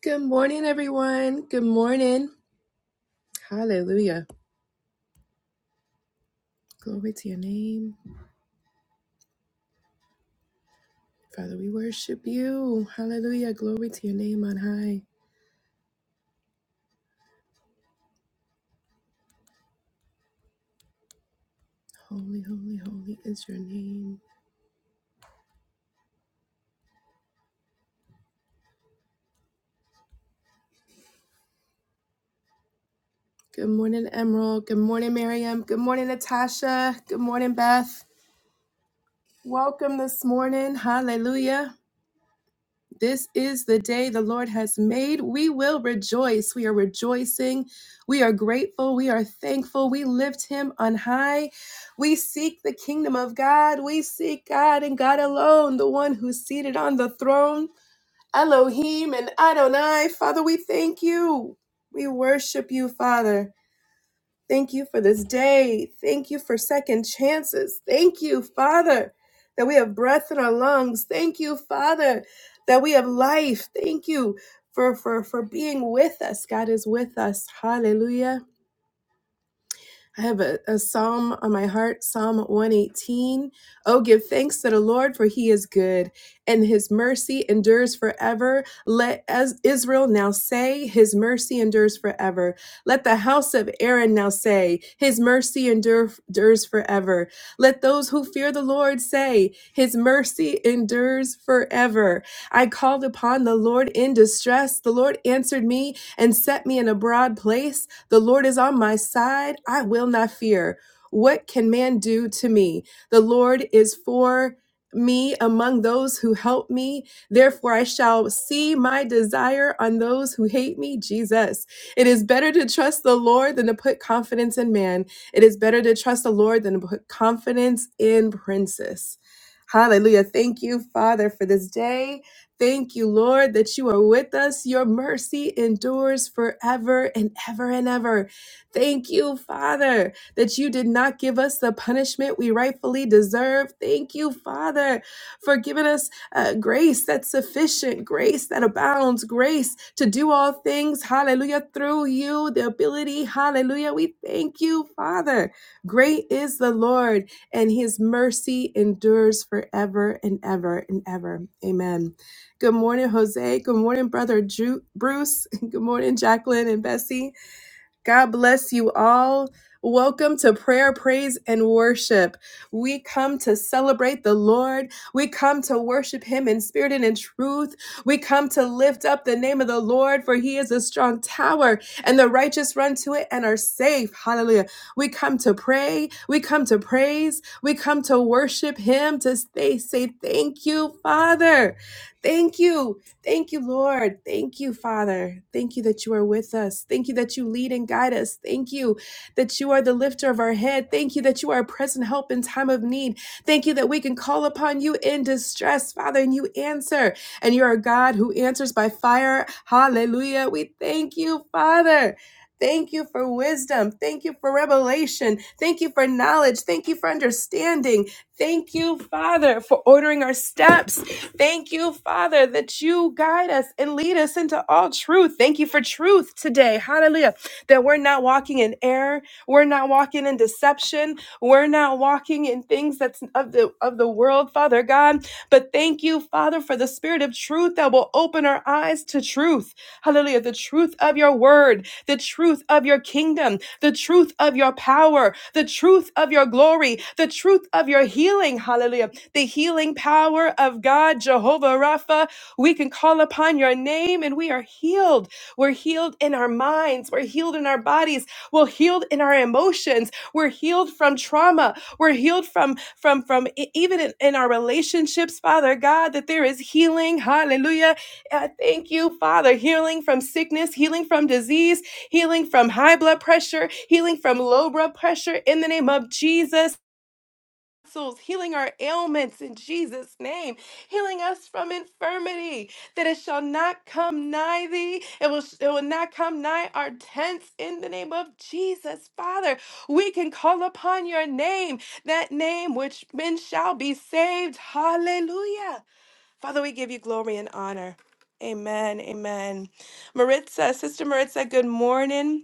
Good morning, everyone. Good morning. Hallelujah. Glory to your name. Father, we worship you. Hallelujah. Glory to your name on high. Holy, holy, holy is your name. Good morning, Emerald. Good morning, Miriam. Good morning, Natasha. Good morning, Beth. Welcome this morning. Hallelujah. This is the day the Lord has made. We will rejoice. We are rejoicing. We are grateful. We are thankful. We lift him on high. We seek the kingdom of God. We seek God and God alone, the one who's seated on the throne. Elohim and Adonai. Father, we thank you. We worship you, Father. Thank you for this day. Thank you for second chances. Thank you, Father, that we have breath in our lungs. Thank you, Father, that we have life. Thank you for for for being with us. God is with us. Hallelujah. I have a, a psalm on my heart, Psalm 118. Oh, give thanks to the Lord, for he is good, and his mercy endures forever. Let as Israel now say, his mercy endures forever. Let the house of Aaron now say, his mercy endure, endures forever. Let those who fear the Lord say, his mercy endures forever. I called upon the Lord in distress. The Lord answered me and set me in a broad place. The Lord is on my side. I will not fear. What can man do to me? The Lord is for me among those who help me. Therefore, I shall see my desire on those who hate me. Jesus. It is better to trust the Lord than to put confidence in man. It is better to trust the Lord than to put confidence in princes. Hallelujah. Thank you, Father, for this day. Thank you, Lord, that you are with us. Your mercy endures forever and ever and ever. Thank you, Father, that you did not give us the punishment we rightfully deserve. Thank you, Father, for giving us uh, grace that's sufficient, grace that abounds, grace to do all things. Hallelujah. Through you, the ability. Hallelujah. We thank you, Father. Great is the Lord, and his mercy endures forever and ever and ever. Amen. Good morning, Jose. Good morning, Brother Ju- Bruce. Good morning, Jacqueline and Bessie. God bless you all. Welcome to prayer, praise, and worship. We come to celebrate the Lord. We come to worship Him in spirit and in truth. We come to lift up the name of the Lord, for He is a strong tower, and the righteous run to it and are safe. Hallelujah. We come to pray. We come to praise. We come to worship Him to stay, say, Thank you, Father. Thank you. Thank you, Lord. Thank you, Father. Thank you that you are with us. Thank you that you lead and guide us. Thank you that you are the lifter of our head. Thank you that you are a present help in time of need. Thank you that we can call upon you in distress, Father, and you answer. And you're a God who answers by fire. Hallelujah. We thank you, Father. Thank you for wisdom. Thank you for revelation. Thank you for knowledge. Thank you for understanding. Thank you, Father, for ordering our steps. Thank you, Father, that you guide us and lead us into all truth. Thank you for truth today. Hallelujah. That we're not walking in error. We're not walking in deception. We're not walking in things that's of the of the world, Father God. But thank you, Father, for the spirit of truth that will open our eyes to truth. Hallelujah. The truth of your word, the truth of your kingdom, the truth of your power, the truth of your glory, the truth of your healing. Hallelujah the healing power of God, Jehovah Rapha. We can call upon your name and we are healed. We're healed in our minds, we're healed in our bodies, we're healed in our emotions, we're healed from trauma, we're healed from from from e- even in, in our relationships, Father God, that there is healing. Hallelujah. Uh, thank you, Father. Healing from sickness, healing from disease, healing from high blood pressure, healing from low blood pressure in the name of Jesus vessels, healing our ailments in Jesus' name, healing us from infirmity, that it shall not come nigh thee, it will, it will not come nigh our tents in the name of Jesus. Father, we can call upon your name, that name which men shall be saved. Hallelujah. Father, we give you glory and honor. Amen. Amen. Maritza, Sister Maritza, good morning.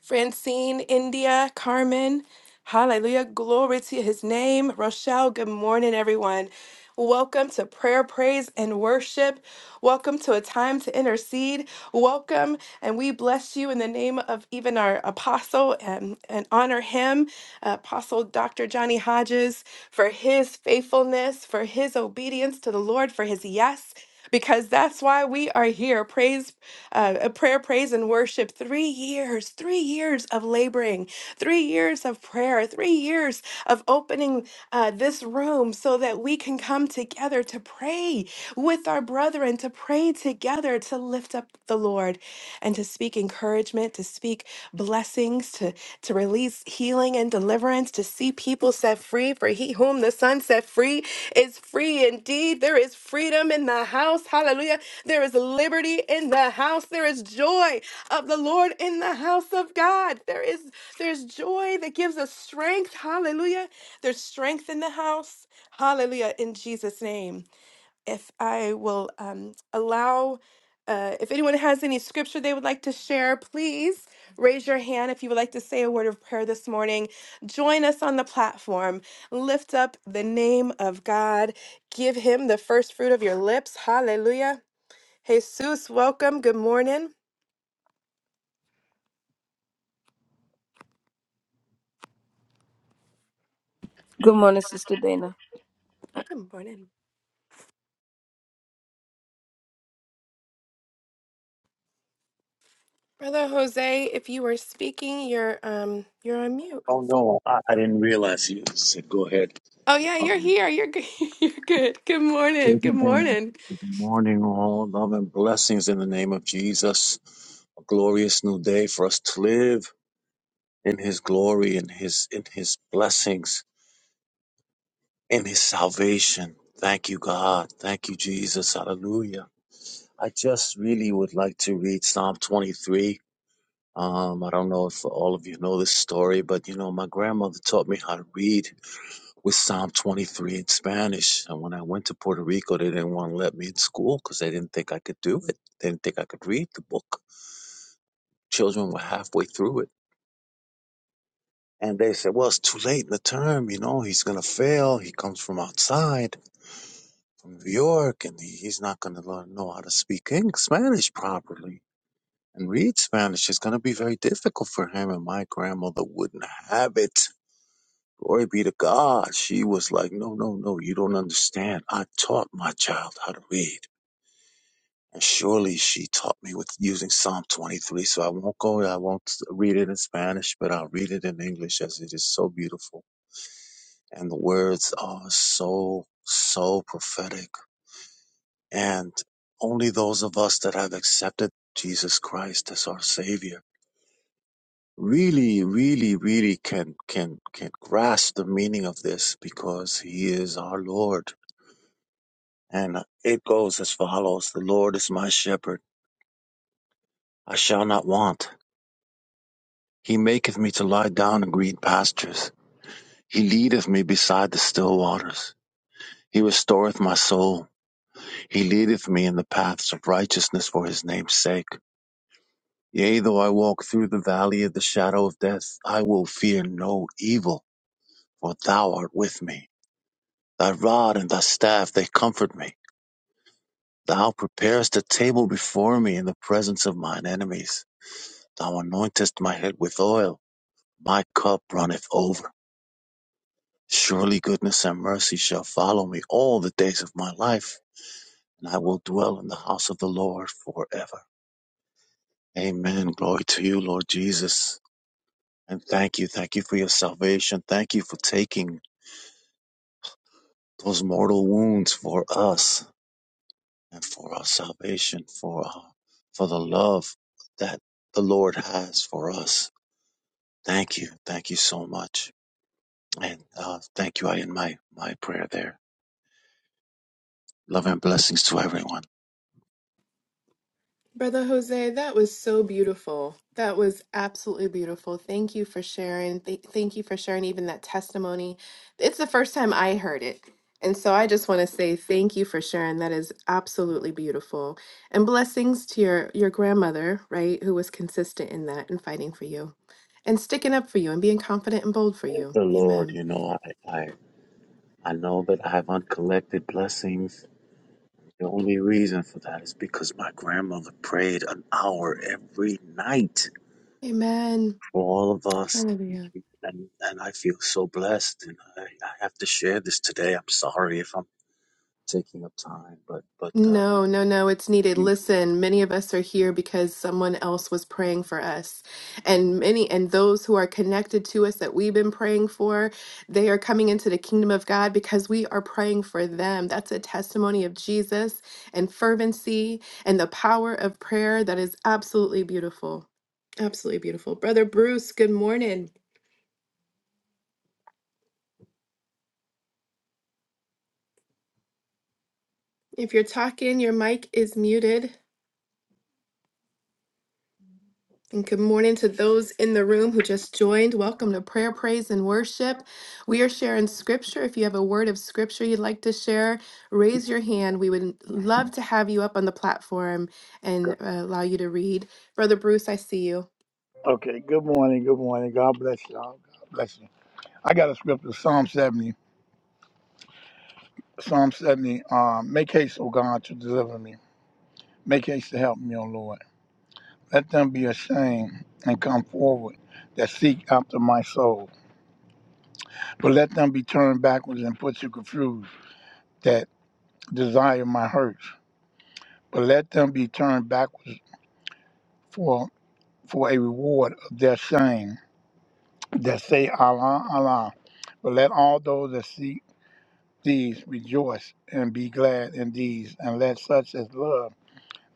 Francine, India, Carmen. Hallelujah. Glory to his name. Rochelle, good morning, everyone. Welcome to prayer, praise, and worship. Welcome to a time to intercede. Welcome and we bless you in the name of even our apostle and, and honor him, uh, Apostle Dr. Johnny Hodges, for his faithfulness, for his obedience to the Lord, for his yes. Because that's why we are here. Praise, uh, uh, prayer, praise, and worship. Three years, three years of laboring, three years of prayer, three years of opening uh, this room so that we can come together to pray with our brethren, to pray together, to lift up the Lord and to speak encouragement, to speak blessings, to, to release healing and deliverance, to see people set free. For he whom the Son set free is free indeed. There is freedom in the house. Hallelujah. There is liberty in the house. There is joy of the Lord in the house of God. There is there's joy that gives us strength. Hallelujah. There's strength in the house. Hallelujah, in Jesus' name. If I will um, allow, uh, if anyone has any scripture they would like to share, please raise your hand if you would like to say a word of prayer this morning. Join us on the platform. Lift up the name of God. Give him the first fruit of your lips. Hallelujah. Jesus, welcome. Good morning. Good morning, Sister Dana. Good morning. Brother Jose, if you were speaking, you're um you're on mute. Oh no, I, I didn't realize you said go ahead. Oh yeah, you're Um, here. You're good. You're good. Good morning. good Good morning, morning. good morning, all love and blessings in the name of Jesus. A glorious new day for us to live in His glory, in His in His blessings, in His salvation. Thank you, God. Thank you, Jesus. Hallelujah. I just really would like to read Psalm 23. Um, I don't know if all of you know this story, but you know, my grandmother taught me how to read with Psalm 23 in Spanish. And when I went to Puerto Rico, they didn't want to let me in school because they didn't think I could do it. They didn't think I could read the book. Children were halfway through it. And they said, well, it's too late in the term. You know, he's going to fail. He comes from outside, from New York, and he- he's not going to learn, know how to speak Eng- Spanish properly and read Spanish. It's going to be very difficult for him. And my grandmother wouldn't have it. Glory be to God. She was like, no, no, no, you don't understand. I taught my child how to read. And surely she taught me with using Psalm 23. So I won't go, I won't read it in Spanish, but I'll read it in English as it is so beautiful. And the words are so, so prophetic. And only those of us that have accepted Jesus Christ as our Savior really, really, really can, can, can grasp the meaning of this because He is our Lord. And it goes as follows. The Lord is my shepherd. I shall not want. He maketh me to lie down in green pastures. He leadeth me beside the still waters. He restoreth my soul. He leadeth me in the paths of righteousness for his name's sake. Yea, though I walk through the valley of the shadow of death, I will fear no evil, for thou art with me. Thy rod and thy staff, they comfort me. Thou preparest a table before me in the presence of mine enemies. Thou anointest my head with oil. My cup runneth over. Surely goodness and mercy shall follow me all the days of my life, and I will dwell in the house of the Lord forever. Amen. Glory to you, Lord Jesus. And thank you. Thank you for your salvation. Thank you for taking those mortal wounds for us and for our salvation, for, our, for the love that the Lord has for us. Thank you. Thank you so much. And uh, thank you. I end my, my prayer there. Love and blessings to everyone. Brother Jose, that was so beautiful. That was absolutely beautiful. Thank you for sharing. Th- thank you for sharing even that testimony. It's the first time I heard it. And so I just want to say thank you for sharing. That is absolutely beautiful. And blessings to your your grandmother, right, who was consistent in that and fighting for you and sticking up for you and being confident and bold for Praise you. the Lord. Amen. You know, I, I, I know that I have uncollected blessings. The only reason for that is because my grandmother prayed an hour every night Amen. for all of us. Hallelujah. And, and I feel so blessed. And I, I have to share this today. I'm sorry if I'm taking up time, but, but, uh, No, no, no, it's needed. you- Listen, many of us are here because someone else was praying for us. And many and those who are connected to us that we've been praying for, they are coming into the kingdom of God because we are praying for them. That's a testimony of Jesus and fervency and the power of prayer that is absolutely beautiful. Absolutely beautiful. Brother Bruce, good morning. If you're talking, your mic is muted. And good morning to those in the room who just joined. Welcome to Prayer, Praise, and Worship. We are sharing scripture. If you have a word of scripture you'd like to share, raise your hand. We would love to have you up on the platform and Good. uh, allow you to read. Brother Bruce, I see you. Okay, good morning, good morning. God bless y'all. God bless you. I got a scripture, Psalm 70. Psalm 70. Um, Make haste, O God, to deliver me. Make haste to help me, O Lord. Let them be ashamed and come forward that seek after my soul. But let them be turned backwards and put to confuse that desire my hurts. But let them be turned backwards for for a reward of their shame that say Allah, Allah. But let all those that seek these rejoice and be glad in these, and let such as love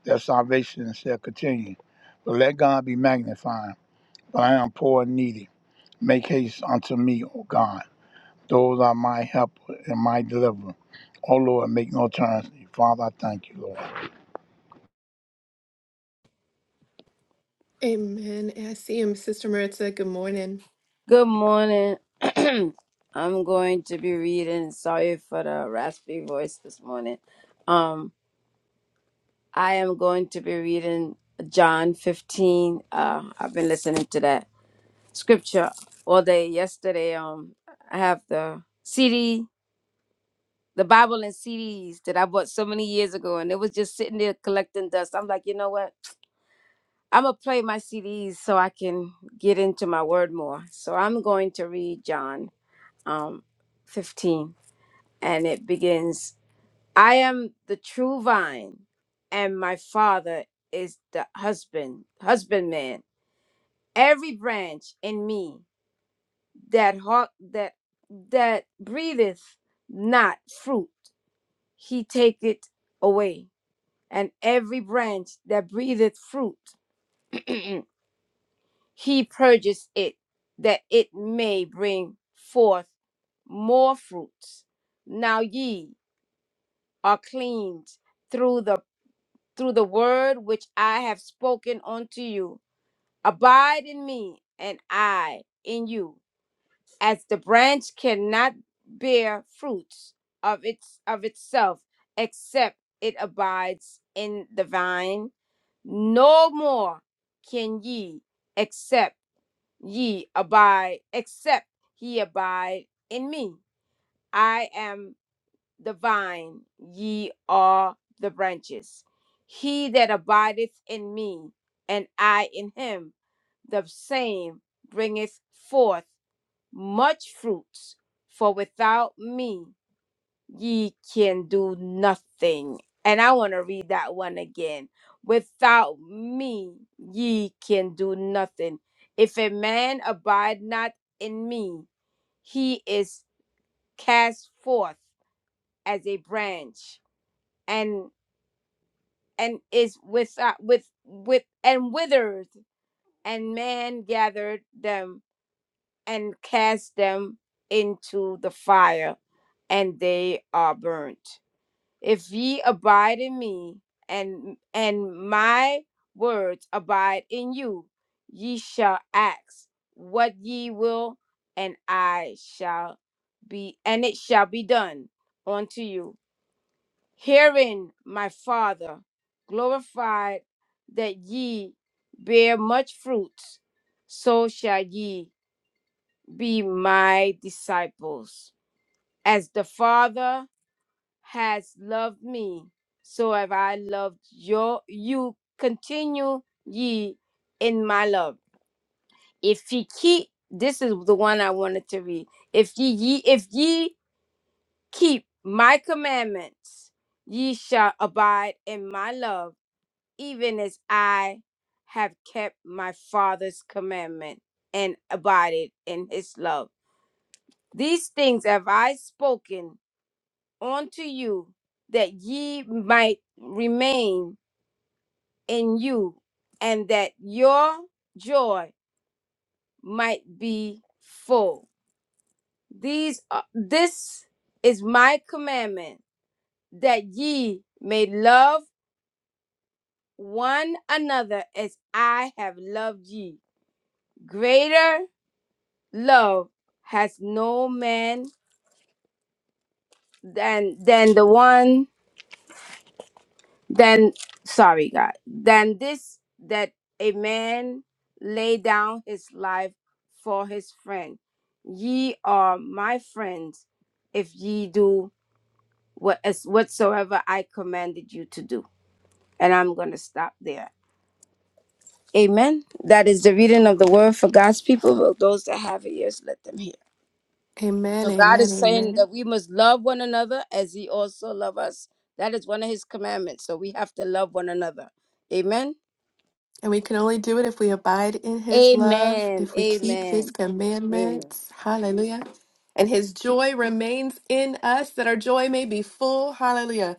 their salvation shall continue. But let God be magnified, for I am poor and needy. Make haste unto me, O God. Those are my helper and my deliverer. O Lord, make no turns. Father, I thank you, Amen. I see him. Sister Maritza, good morning. Good morning. I'm going to be reading. Sorry for the raspy voice this morning. Um, I am going to be reading John 15. Uh, I've been listening to that scripture all day. Yesterday, um, I have the CD, the Bible and CDs that I bought so many years ago, and it was just sitting there collecting dust. I'm like, you know what? I'm gonna play my CDs so I can get into my word more. So I'm going to read John. um, 15, and it begins I am the true vine, and my Father is the husband, husbandman. Every branch in me that heart that that breatheth not fruit, he taketh away, and every branch that breatheth fruit, he purges it, that it may bring forth more fruits. Now ye are cleansed through the through the word which I have spoken unto you. Abide in me, and I in you. As the branch cannot bear fruits of its of itself except it abides in the vine, no more can ye except ye abide except ye abide in me. I am the vine, ye are the branches. He that abideth in me, and I in him, the same bringeth forth much fruits, for without me ye can do nothing. And I want to read that one again. Without me ye can do nothing. If a man abide not in me, he is cast forth as a branch and and is with uh, with with and withered and man gathered them and cast them into the fire and they are burnt if ye abide in me and and my words abide in you ye shall ask what ye will and i shall be and it shall be done unto you Herein my Father glorified that ye bear much fruit, so shall ye be my disciples. As the Father has loved me, so have I loved your, you. Continue ye in my love. If ye keep, this is the one I wanted to read. If ye, ye if ye keep my commandments, ye shall abide in my love even as I have kept my Father's commandment and abided in his love. These things have I spoken unto you, that ye might remain in you, and that your joy might be full. These are, this is my commandment that ye may love one another as I have loved ye. Greater love has no man than than the one than sorry god than this that a man lay down his life for his friend ye are my friends if ye do what as whatsoever i commanded you to do and i'm gonna stop there amen that is the reading of the word for god's people those that have ears let them hear Amen. So God Amen. is saying Amen. that we must love one another as He also loves us. That is one of His commandments. So we have to love one another. Amen. And we can only do it if we abide in his love, Amen. if we keep his Amen. Amen. commandments. Hallelujah. And his joy remains in us that our joy may be full. Hallelujah.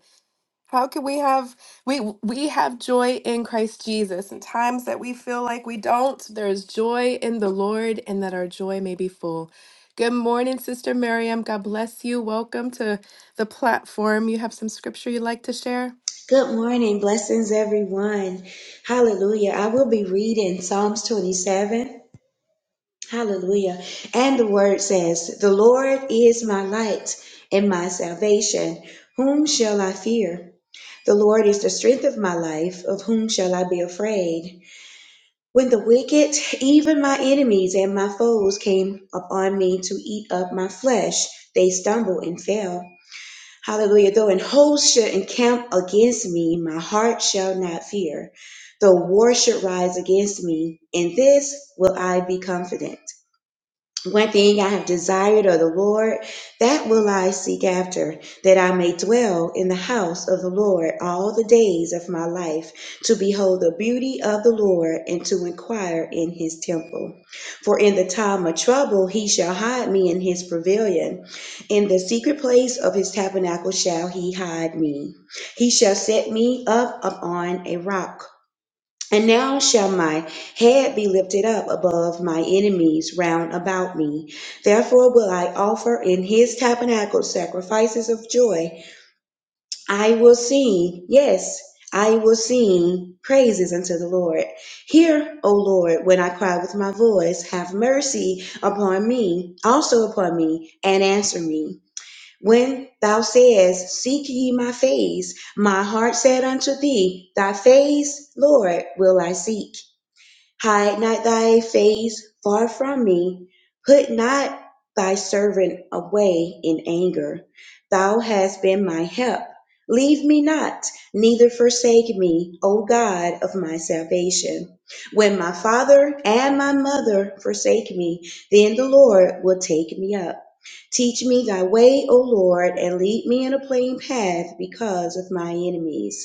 How can we have we we have joy in Christ Jesus in times that we feel like we don't? There is joy in the Lord and that our joy may be full. Good morning, Sister Miriam. God bless you. Welcome to the platform. You have some scripture you'd like to share? Good morning. Blessings, everyone. Hallelujah. I will be reading Psalms 27. Hallelujah. And the word says, The Lord is my light and my salvation. Whom shall I fear? The Lord is the strength of my life. Of whom shall I be afraid? When the wicked, even my enemies and my foes, came upon me to eat up my flesh, they stumbled and fell. Hallelujah. Though an host should encamp against me, my heart shall not fear. Though war should rise against me, in this will I be confident one thing I have desired of the Lord, that will I seek after, that I may dwell in the house of the Lord all the days of my life, to behold the beauty of the Lord and to inquire in his temple. For in the time of trouble he shall hide me in his pavilion. In the secret place of his tabernacle shall he hide me. He shall set me up upon a rock. And now shall my head be lifted up above my enemies round about me. Therefore will I offer in his tabernacle sacrifices of joy. I will sing, yes, I will sing praises unto the Lord. Hear, O Lord, when I cry with my voice, have mercy upon me, also upon me, and answer me. When thou sayest, Seek ye my face, my heart said unto thee, Thy face, Lord, will I seek. Hide not thy face far from me. Put not thy servant away in anger. Thou hast been my help. Leave me not, neither forsake me, O God of my salvation. When my father and my mother forsake me, then the Lord will take me up. Teach me thy way, O Lord, and lead me in a plain path because of my enemies.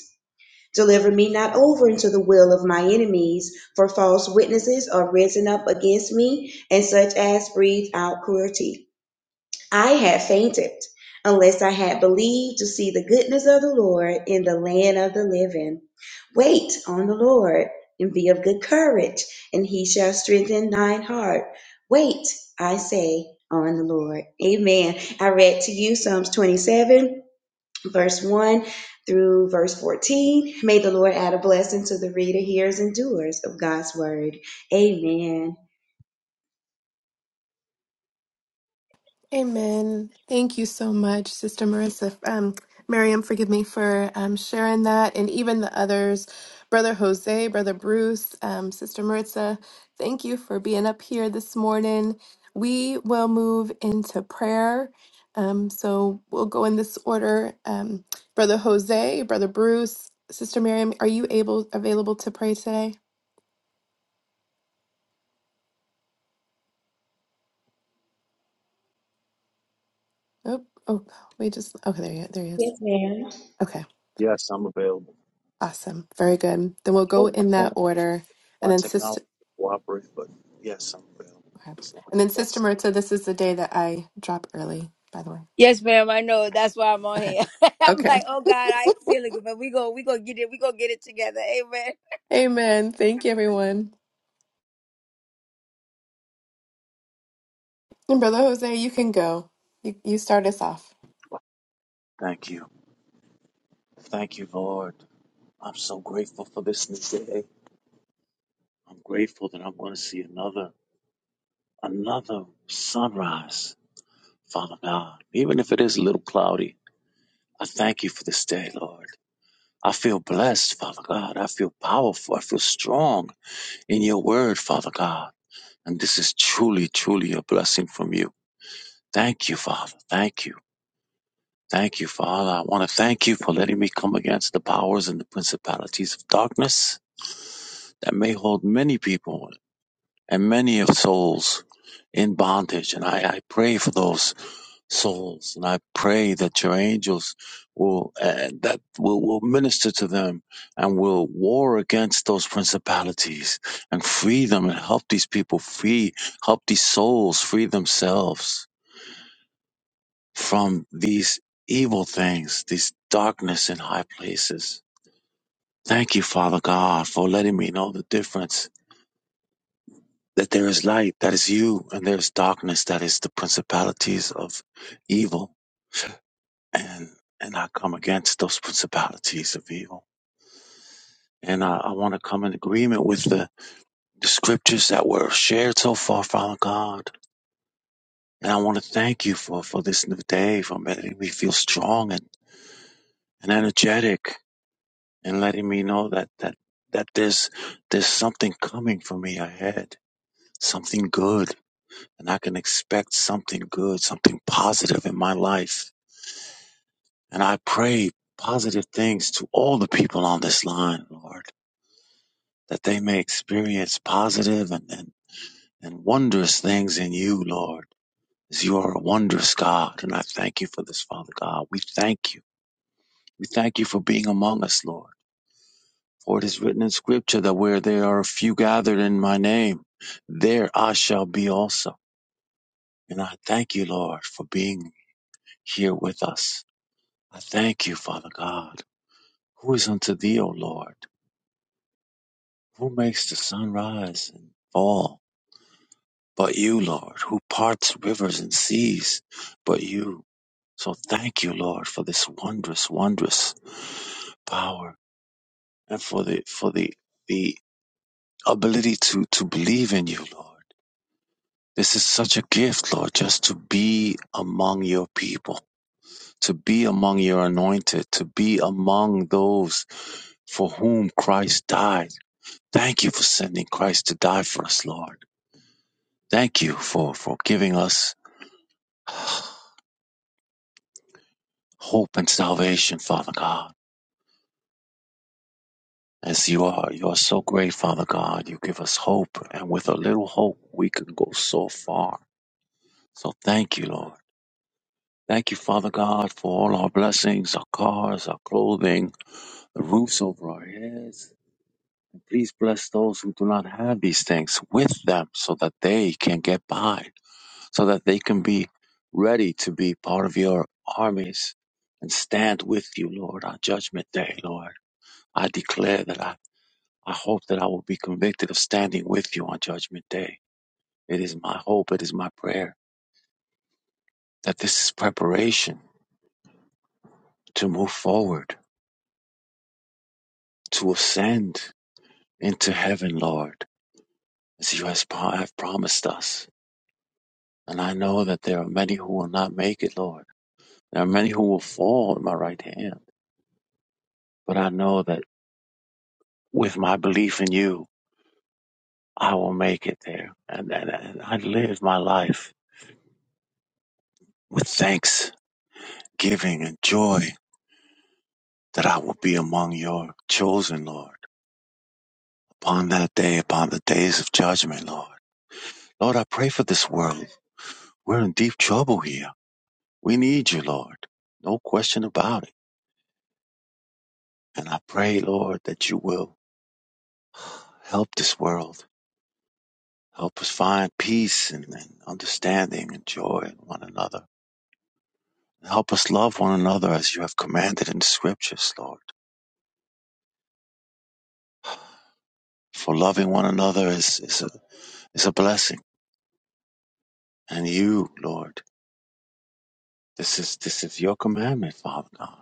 Deliver me not over into the will of my enemies, for false witnesses are risen up against me, and such as breathe out cruelty. I had fainted, unless I had believed to see the goodness of the Lord in the land of the living. Wait on the Lord, and be of good courage, and he shall strengthen thine heart. Wait, I say, on the Lord. Amen. I read to you Psalms 27 verse 1 through verse 14. May the Lord add a blessing to the reader, hearers, and doers of God's word. Amen. Amen. Thank you so much, Sister Marissa. Um, Miriam, forgive me for um, sharing that, and even the others, Brother Jose, Brother Bruce, um, Sister Maritza. Thank you for being up here this morning. We will move into prayer. Um, so we'll go in this order. Um, Brother Jose, Brother Bruce, Sister Miriam, are you able available to pray today? Oh, oh, we just okay. There, he- there he is. Yes, ma'am. Okay. yes, I'm available. Awesome. Very good. Then we'll Oh, go my in phone, that order. And my then technology Sister cooperates, but yes, I'm available. okay. As long as And it then Sister does. Maritza, this is the day that I drop early, by the way. Yes, ma'am. I know. That's why I'm on Okay. here. I'm Okay. like, oh God, I ain't feeling good, but we go, we gonna get it. We gonna get it together. Amen. Amen. Thank you, everyone. And Brother Jose, you can go. You, you start us off. Thank you. Thank you, Lord. I'm so grateful for this new day. I'm grateful that I'm going to see another another sunrise, Father God. Even if it is a little cloudy, I thank you for this day, Lord. I feel blessed, Father God. I feel powerful. I feel strong in your word, Father God. And this is truly, truly a blessing from you. Thank you, Father. Thank you. Thank you, Father. I want to thank you for letting me come against the powers and the principalities of darkness that may hold many people and many of souls in bondage. And I, I pray for those souls, and I pray that your angels will uh, that will, will minister to them and will war against those principalities and free them and help these people free, help these souls free themselves from these evil things, these darkness in high places. Thank you, Father God, for letting me know the difference that there is light, that is you, and there's darkness, that is the principalities of evil. And and I come against those principalities of evil. And I, I want to come in agreement with the, the scriptures that were shared so far, Father God. And I want to thank you for, for this new day, for making me feel strong and, and energetic and letting me know that, that, that there's, there's something coming for me ahead, something good. And I can expect something good, something positive in my life And I pray positive things to all the people on this line, Lord, that they may experience positive and, and, and wondrous things in you, Lord, as you are a wondrous God. And I thank you for this, Father God. We thank you. We thank you for being among us, Lord. For it is written in Scripture that where there are a few gathered in my name, there I shall be also. And I thank you, Lord, for being here with us. I thank you, Father God. Who is unto thee, O Lord? Who makes the sun rise and fall but you, Lord? Who parts rivers and seas but you? So thank you, Lord, for this wondrous, wondrous power and for the for the the ability to to believe in you, Lord. This is such a gift, Lord, just to be among your people, to be among your anointed, to be among those for whom Christ died. Thank you for sending Christ to die for us, Lord. Thank you for, for giving us hope and salvation, Father God. As you are, you are so great, Father God. You give us hope, and with a little hope, we can go so far. So thank you, Lord. Thank you, Father God, for all our blessings, our cars, our clothing, the roofs over our heads. And please bless those who do not have these things with them so that they can get by, so that they can be ready to be part of your armies and stand with you, Lord, on judgment day, Lord. I declare that I, I hope that I will be convicted of standing with you on Judgment Day. It is my hope, it is my prayer that this is preparation to move forward, to ascend into heaven, Lord, as you has pro- have promised us. And I know that there are many who will not make it, Lord. There are many who will fall at my right hand. But I know that with my belief in you, I will make it there. And, and, and I live my life with thanksgiving and joy that I will be among your chosen, Lord, upon that day, upon the days of judgment, Lord. Lord, I pray for this world. We're in deep trouble here. We need you, Lord. No question about it. And I pray, Lord, that you will help this world. Help us find peace and, and understanding and joy in one another. Help us love one another as you have commanded in the scriptures, Lord. For loving one another is, is, a, is a blessing. And you, Lord, this is, this is your commandment, Father God.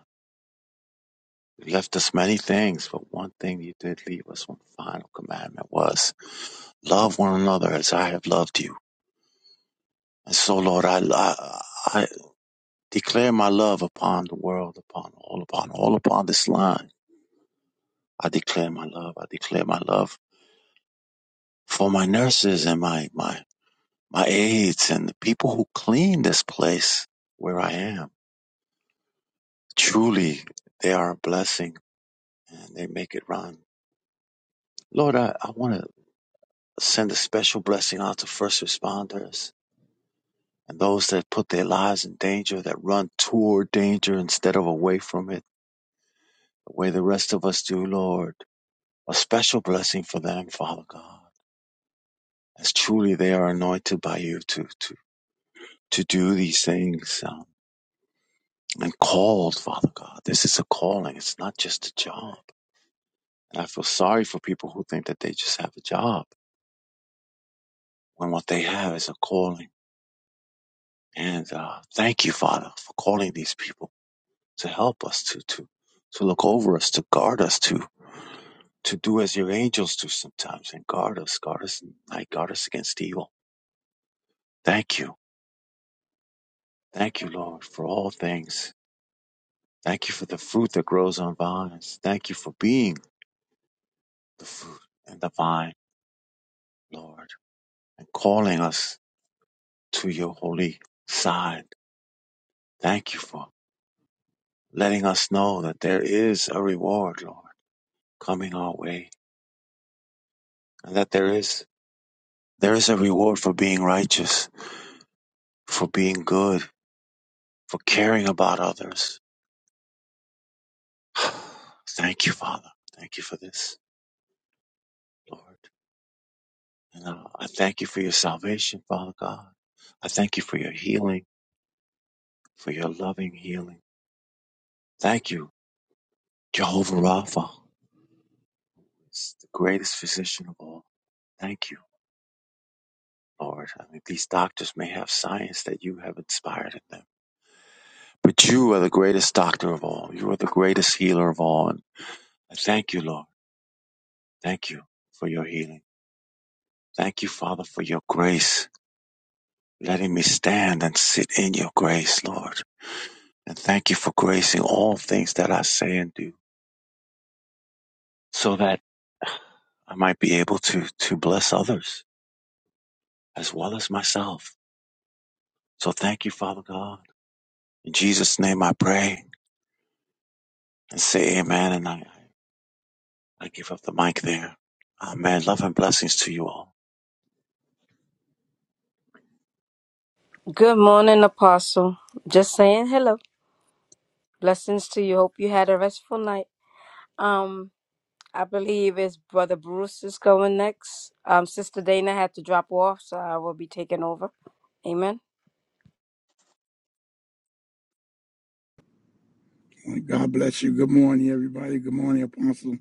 You left us many things, but one thing you did leave us, one final commandment was love one another as I have loved you. And so, Lord, I, I, I declare my love upon the world, upon all, upon all, upon this line. I declare my love. I declare my love for my nurses and my, my, my aides and the people who clean this place where I am. Truly, they are a blessing and they make it run. Lord, I, I want to send a special blessing out to first responders And those that put their lives in danger, that run toward danger instead of away from it, the way the rest of us do, Lord, a special blessing for them, Father God, as truly they are anointed by you to, to, to do these things um, and called, Father God. This is a calling, it's not just a job. And I feel sorry for people who think that they just have a job when what they have is a calling. And uh, thank you, Father, for calling these people to help us, to, to, to look over us, to guard us, to to do as your angels do sometimes and guard us, guard us and night, guard us against evil. Thank you. Thank you, Lord, for all things. Thank you for the fruit that grows on vines. Thank you for being the fruit and the vine, Lord, and calling us to your holy side. Thank you for letting us know that there is a reward, Lord, coming our way. And that there is there is a reward for being righteous, for being good, for caring about others Thank you, Father. Thank you for this, Lord. And uh, I thank you for your salvation, Father God. I thank you for your healing, for your loving healing. Thank you, Jehovah Rapha, is the greatest physician of all. Thank you, Lord. I mean, these doctors may have science that you have inspired in them, but you are the greatest doctor of all. You are the greatest healer of all. And I thank you, Lord. Thank you for your healing. Thank you, Father, for your grace, letting me stand and sit in your grace, Lord. And thank you for gracing all things that I say and do so that I might be able to, to bless others as well as myself. So thank you, Father God. In Jesus' name I pray and say amen. And I, I give up the mic there. Amen. Love and blessings to you all. Good morning, Apostle. Just saying hello. Blessings to you. Hope you had a restful night. Um. I believe it's Brother Bruce is going next. Um, Sister Dana had to drop off, so I will be taking over. Amen. Lord. God bless you. Good morning, everybody. Good morning, Apostle.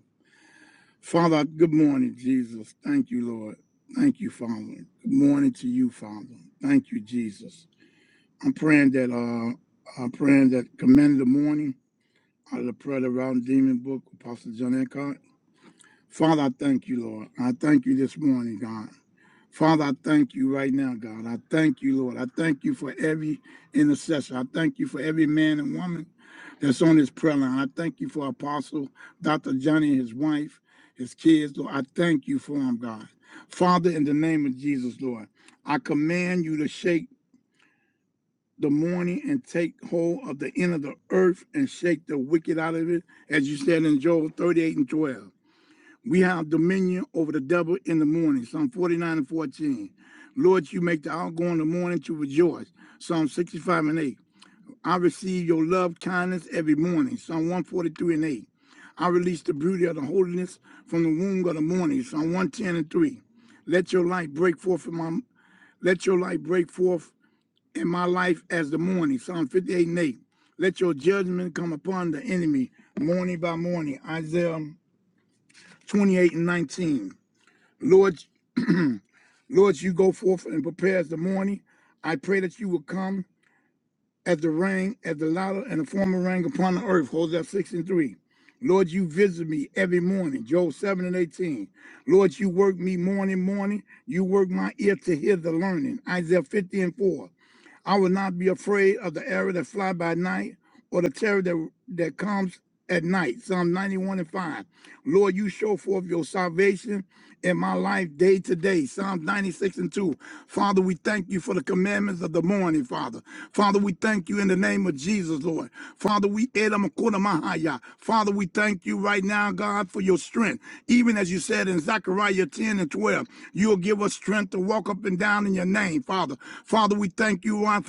Father, good morning, Jesus. Thank you, Lord. Thank you, Father. Good morning to you, Father. Thank you, Jesus. I'm praying that uh I'm praying that command the morning out of the prayer of the round demon book, Apostle John Eckhart. Father, I thank you, Lord. I thank you this morning, God. Father, I thank you right now, God. I thank you, Lord. I thank you for every intercessor. I thank you for every man and woman that's on this prayer line. I thank you for Apostle Dr. Johnny, his wife, his kids, Lord. I thank you for them, God. Father, in the name of Jesus, Lord, I command you to shake the morning and take hold of the end of the earth and shake the wicked out of it, as you said in Joel 38 and 12. We have dominion over the devil in the morning, Psalm 49 and 14. Lord, you make the outgoing in the morning to rejoice, Psalm 65 and 8. I receive your love, kindness every morning, Psalm 143 and 8. I release the beauty of the holiness from the womb of the morning, Psalm 110 and 3. Let your light break forth from my let your light break forth in my life as the morning. Psalm 58 and 8. Let your judgment come upon the enemy morning by morning. Isaiah 28 and 19. Lord, Lord, you go forth and prepare as the morning. I pray that you will come as the rain, as the latter and the former rain upon the earth. Hosea 6 and 3. Lord, you visit me every morning. Job 7 and 18. Lord, you work me morning, morning. You work my ear to hear the learning. Isaiah 50 and 4. I will not be afraid of the arrow that fly by night, or the terror that, that comes at night. Psalm 91 and 5. Lord, you show forth your salvation in my life day to day. Psalm 96 and 2. Father, we thank you for the commandments of the morning, Father. Father, we thank you in the name of Jesus, Lord. Father, we Edom Akuna Mahaya. Father, we thank you right now, God, for your strength. Even as you said in Zechariah 10 and 12, you'll give us strength to walk up and down in your name, Father. Father, we thank you, our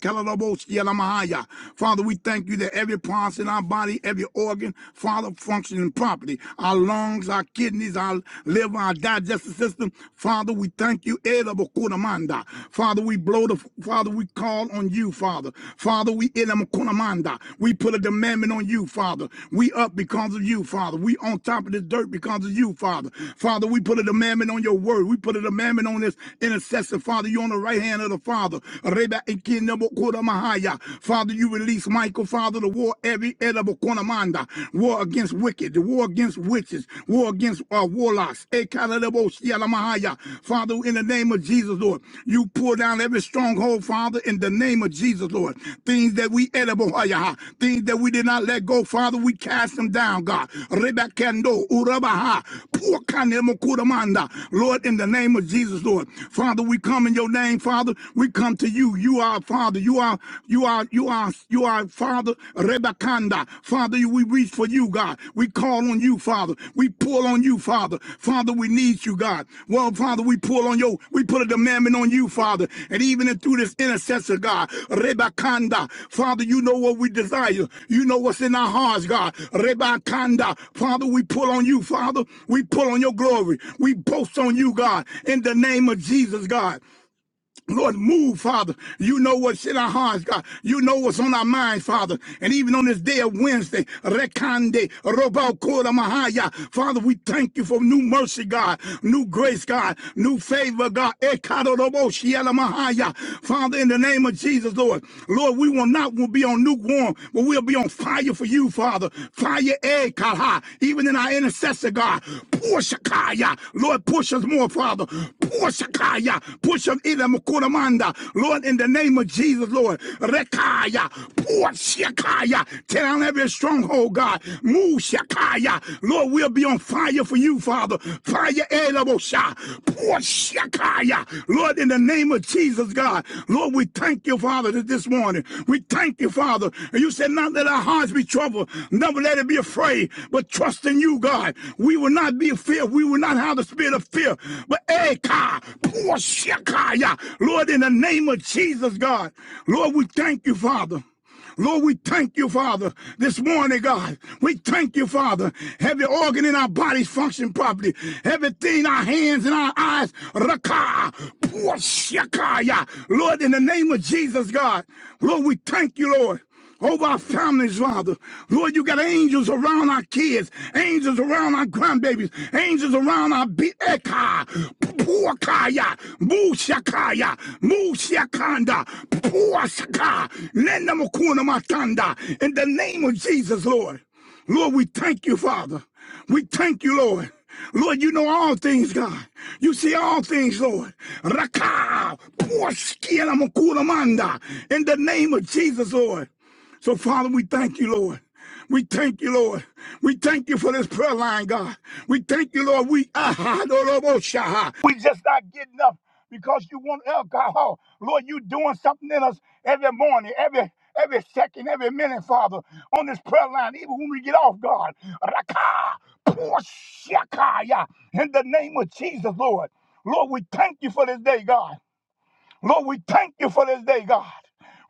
Father, Mahaya. Father, we thank you that every part in our body, every organ, Father, functioning properly. Our lungs, our kidneys, our liver, our digestive system. Father, we thank you. Edabakunamanda. Father, we blow the Father, we call on you, Father. Father, we edabakunamanda. we put a demandment on you, Father. We up because of you, Father. We on top of this dirt because of you, Father. Father, we put a demandment on your word. We put a demandment on this intercessor, Father. You are on the right hand of the Father. Nabo Koda Mahaya. Father, you release Michael, Father, the war every edible Konamanda, war against wicked, the war against witches, war against uh, warlocks. Ekala Nabo Mahaya. Father, in the name of Jesus, Lord, you pull down every stronghold, Father, in the name of Jesus, Lord. Things that we edible, things that we did not let go, Father, we cast them down, God. Rebekendo, Urabaha, Puakane Mokuramanda. Lord, in the name of Jesus, Lord. Father, we come in your name, Father. We we come to you. You are our Father. You are you are you are you are Father Rebakanda. Father, we reach for you, God. We call on you, Father. We pull on you, Father. Father, we need you, God. Well, Father, we pull on you. We put a demandment on you, Father. And even through this intercessor, God, Rebakanda. Father, you know what we desire. You know what's in our hearts, God. Rebakanda. Father, we pull on you, Father. We pull on your glory. We boast on you, God. In the name of Jesus, God. Lord, move, Father. You know what's in our hearts, God. You know what's on our minds, Father. And even on this day of Wednesday, Rekande, Robokora Mahaya, Father, we thank you for new mercy, God, new grace, God, new favor, God. Ekado Robo Shiela Mahaya. Father, in the name of Jesus, Lord, Lord, we will not will be on lukewarm, but we'll be on fire for you, Father. Fire, Ekaha, even in our intercessor, God. Push, Kaya. Lord, push us more, Father. Father. Push Kaya. Push him in Kuramanda. Lord, in the name of Jesus, Lord. Rekaya. Push Kaya. Tear down every stronghold, God. Move Shakaya. Lord, we'll be on fire for you, Father. Fire Elabosha. Push Shakaya. Lord, in the name of Jesus, God. Lord, we thank you, Father, this morning. We thank you, Father. And you said, not let our hearts be troubled. Never let it be afraid, but trust in you, God. We will not be fear. We will not have the spirit of fear. But Eka, Pua Lord, in the name of Jesus, God. Lord, we thank you, Father. Lord, we thank you, Father, this morning, God. We thank you, Father. Every organ in our bodies function properly. Everything, our hands and our eyes, raka, puashakaya. Lord, in the name of Jesus, God. Lord, we thank you, Lord over our families, Father. Lord, you got angels around our kids, angels around our grandbabies, angels around our be- eka, puakaya, mushakaya, mushakanda, puasaka, nenamukuna matanda. In the name of Jesus, Lord. Lord, we thank you, Father. We thank you, Lord. Lord, you know all things, God. You see all things, Lord. Raka, poor skin, I'm cool In the name of Jesus, Lord. So, Father, we thank you, Lord. We thank you, Lord. We thank you for this prayer line, God. We thank you, Lord. We aha, no, no, no, shaha. we just not getting up because you want alcohol. Lord, you doing something in us every morning, every every second, every minute, Father, on this prayer line, even when we get off, God. Raka, poshakaya, In the name of Jesus, Lord. Lord, we thank you for this day, God. Lord, we thank you for this day, God.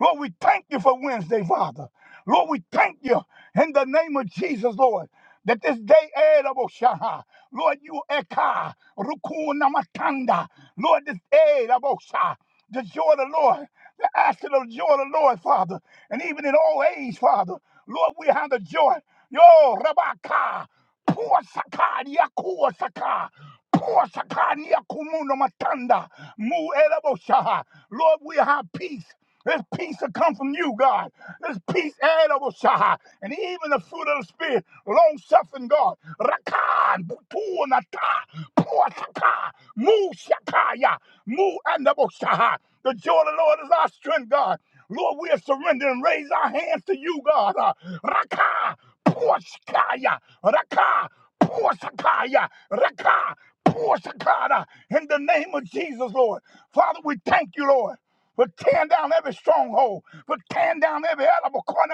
Lord, we thank you for Wednesday, Father. Lord, we thank you in the name of Jesus, Lord, that this day, eh, Rabo Shaha. Lord, you eka, rukuna matanda. Lord, this eh, Rabo Shah, the joy of the Lord, the asset of the joy of the Lord, Father, and even in all age, Father, Lord, we have the joy. Yo, Rabaka. Poor saka yakuwa saka. Poor saka kumuno matanda. Mu elabo shaha. Lord, we have peace. This peace that come from you, God. This peace, elabo shaha. and even the fruit of the Spirit, long suffering, God. Rakan, butu nata, poor saka, mu shakaya, mu andabo shaha. The joy of the Lord is our strength, God. Lord, we are surrendering. and Raise our hands to you, God. Uh, Raka. Poshkaya, Raka, Poshkaya, Raka, Poshkara, in the name of Jesus, Lord. Father, we thank you, Lord. For tearing down every stronghold, for tearing down every element, corner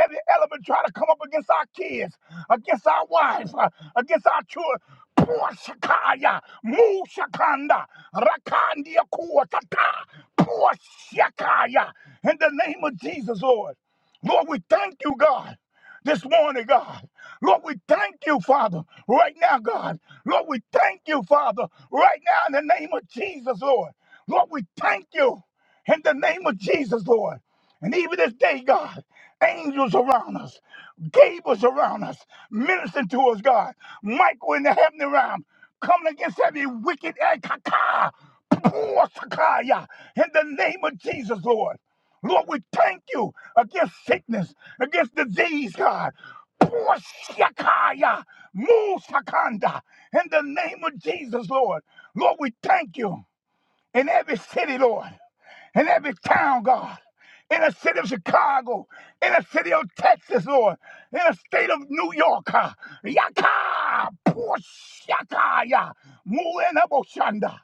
every element trying to come up against our kids, against our wives, uh, against our children. Poshkaya, Mushakanda, Rakandia Kuatata, Poshkaya, in the name of Jesus, Lord. Lord, we thank you, God this morning, God. Lord, we thank you, Father, right now, God. Lord, we thank you, Father, right now in the name of Jesus, Lord. Lord, we thank you in the name of Jesus, Lord. And even this day, God, angels around us, Gables around us, ministering to us, God. Michael in the heavenly realm, coming against every wicked eh, ka- ka, poor Sakaya, in the name of Jesus, Lord. Lord, we thank you against sickness, against disease, God. Pour Shakaya, Musakanda, in the name of Jesus, Lord. Lord, we thank you in every city, Lord in every town, God, in the city of Chicago, in the city of Texas, Lord, in the state of New York. ah, Yaka, Pushakaya, Muenaboshanda.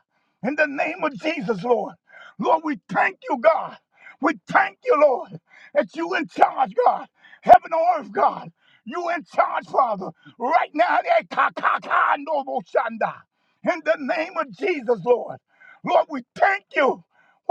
In the name of Jesus, Lord. Lord, we thank you, God. We thank you, Lord, that you in charge, God. Heaven and earth, God. You in charge, Father. Right now, eh, ka, ka, ka, Noboshanda. in the name of Jesus, Lord. Lord, we thank you.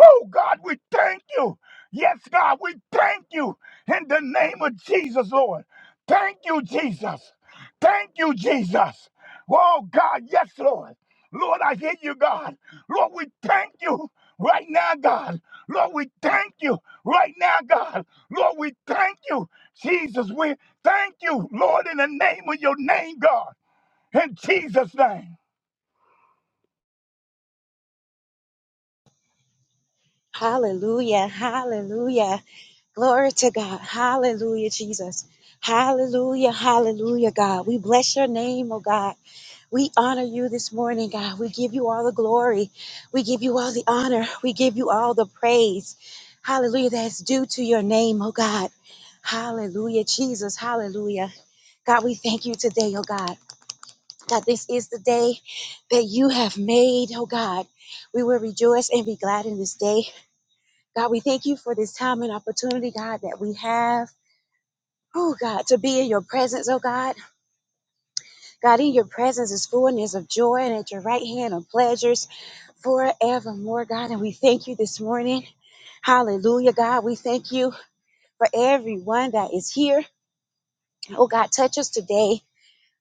Oh, God, we thank you. Yes, God, we thank you in the name of Jesus, Lord. Thank you, Jesus. Thank you, Jesus. Oh, God, yes, Lord. Lord, I hear you, God. Lord, we thank you right now, God. Lord, we thank you right now, God. Lord, we thank you, Jesus. We thank you, Lord, in the name of your name, God. In Jesus' name. Hallelujah. Hallelujah. Glory to God. Hallelujah, Jesus. Hallelujah. Hallelujah, God. We bless your name, oh God. We honor you this morning, God. We give you all the glory. We give you all the honor. We give you all the praise. Hallelujah. That's due to your name, oh God. Hallelujah, Jesus. Hallelujah. God, we thank you today, oh God. God, this is the day that you have made, oh God. We will rejoice and be glad in this day. God, we thank you for this time and opportunity, God, that we have. Oh God, to be in your presence, oh God. God, in your presence is fullness of joy, and at your right hand are pleasures forevermore, God. And we thank you this morning. Hallelujah, God. We thank you for everyone that is here. Oh God, touch us today.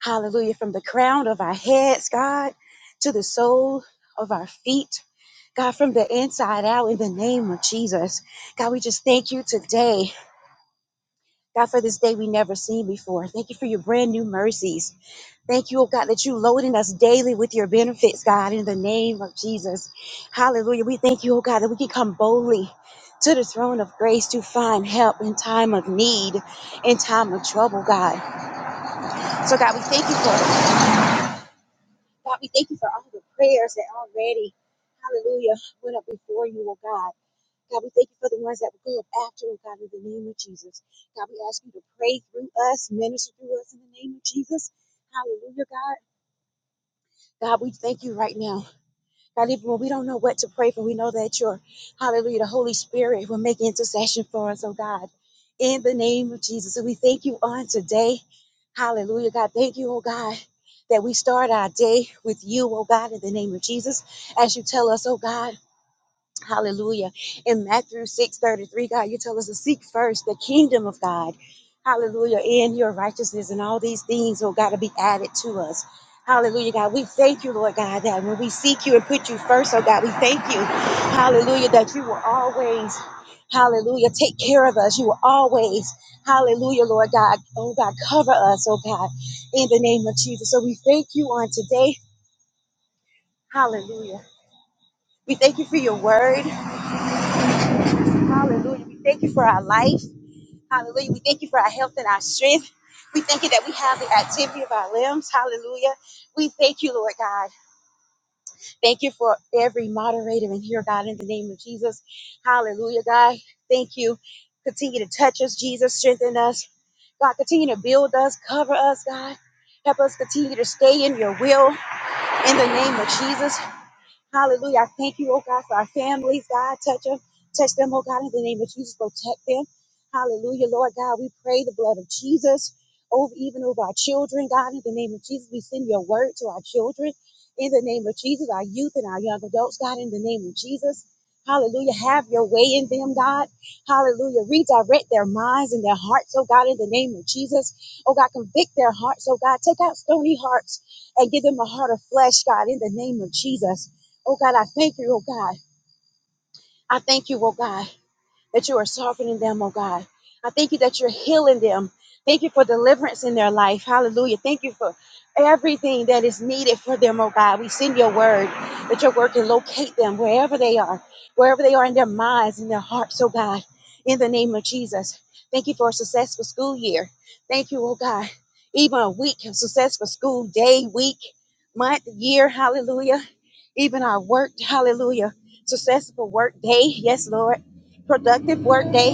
Hallelujah. From the crown of our heads, God, to the sole of our feet. God, from the inside out, in the name of Jesus. God, we just thank you today. God, for this day we never seen before. Thank you for your brand new mercies. Thank you, oh God, that you loading us daily with your benefits, God, in the name of Jesus. Hallelujah. We thank you, oh God, that we can come boldly to the throne of grace to find help in time of need, in time of trouble, God. So, God, we thank you for it. God, we thank you for all the prayers that already, hallelujah, went up before you, oh God. God, we thank you for the ones that will go up after, oh God, in the name of Jesus. God, we ask you to pray through us, minister through us in the name of Jesus. Hallelujah, God. God, we thank you right now. God, even when we don't know what to pray for, we know that you're, hallelujah, the Holy Spirit will make intercession for us, oh God, in the name of Jesus. And we thank you on today. Hallelujah, God. Thank you, oh God, that we start our day with you, oh God, in the name of Jesus. As you tell us, oh God. Hallelujah. In Matthew 6:33, God, you tell us to seek first the kingdom of God. Hallelujah. And your righteousness and all these things will got to be added to us. Hallelujah, God. We thank you, Lord God, that when we seek you and put you first, oh God, we thank you. Hallelujah, that you will always, hallelujah, take care of us. You will always, hallelujah, Lord God, oh God, cover us, oh God, in the name of Jesus. So we thank you on today. Hallelujah. We thank you for your word. Hallelujah. We thank you for our life. Hallelujah. We thank you for our health and our strength. We thank you that we have the activity of our limbs. Hallelujah. We thank you, Lord God. Thank you for every moderator in here, God, in the name of Jesus. Hallelujah, God. Thank you. Continue to touch us, Jesus. Strengthen us. God, continue to build us, cover us, God. Help us continue to stay in your will in the name of Jesus. Hallelujah. I thank you, oh God, for our families, God. Touch them. Touch them, oh God, in the name of Jesus. Protect them. Hallelujah, Lord God. We pray the blood of Jesus over even over our children, God, in the name of Jesus. We send your word to our children in the name of Jesus, our youth and our young adults, God, in the name of Jesus. Hallelujah. Have your way in them, God. Hallelujah. Redirect their minds and their hearts, oh God, in the name of Jesus. Oh God, convict their hearts, oh God. Take out stony hearts and give them a heart of flesh, God, in the name of Jesus. Oh God, I thank you, oh God. I thank you, oh God that you are softening them, oh God. I thank you that you're healing them. Thank you for deliverance in their life. Hallelujah. Thank you for everything that is needed for them, oh God. We send your word that your word can locate them wherever they are, wherever they are in their minds, in their hearts, oh God, in the name of Jesus. Thank you for a successful school year. Thank you, oh God. Even a week of successful school day, week, month, year, hallelujah. Even our work, hallelujah. Successful work day, yes, Lord productive work day.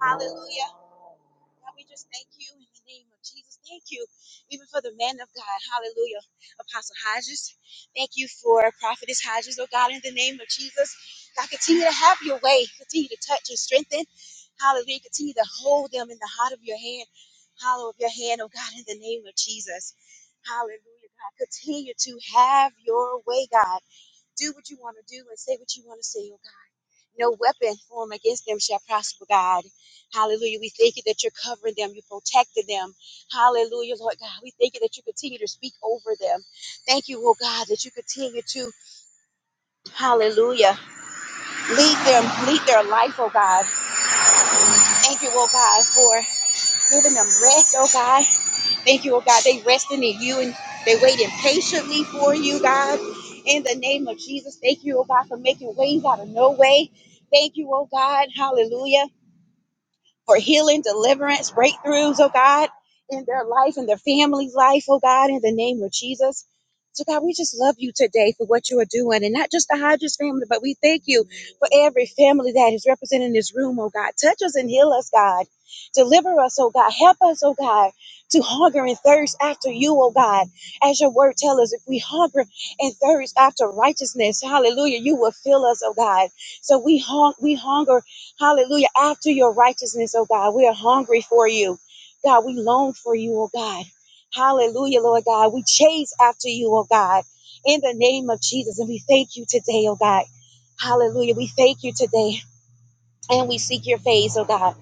Hallelujah. God, we just thank you in the name of Jesus. Thank you even for the man of God. Hallelujah. Apostle Hodges. Thank you for Prophetess Hodges, oh God, in the name of Jesus. God, continue to have your way. Continue to touch and strengthen. Hallelujah. Continue to hold them in the heart of your hand. Hollow of your hand, oh God, in the name of Jesus. Hallelujah, God. Continue to have your way, God. Do what you want to do and say what you want to say, oh God. No weapon formed against them shall prosper, God. Hallelujah. We thank you that you're covering them, you're protecting them. Hallelujah, Lord God. We thank you that you continue to speak over them. Thank you, oh God, that you continue to, hallelujah, lead them, lead their life, oh God. Thank you, oh God, for giving them rest, oh God. Thank you, oh God. They resting in you and they waiting patiently for you, God. In the name of Jesus, thank you, oh God, for making ways out of no way. Thank you, oh God. Hallelujah for healing, deliverance, breakthroughs, oh God, in their life and their family's life, oh God, in the name of Jesus. So, God, we just love you today for what you are doing, and not just the Hodges family, but we thank you for every family that is represented in this room, oh God. Touch us and heal us, God. Deliver us, oh God. Help us, oh God, to hunger and thirst after you, oh God. As your word tells us, if we hunger and thirst after righteousness, hallelujah, you will fill us, oh God. So we, hung, we hunger Hallelujah. After your righteousness, oh God, we are hungry for you. God, we long for you, oh God. Hallelujah, Lord God. We chase after you, oh God, in the name of Jesus. And we thank you today, oh God. Hallelujah. We thank you today and we seek your face, oh God.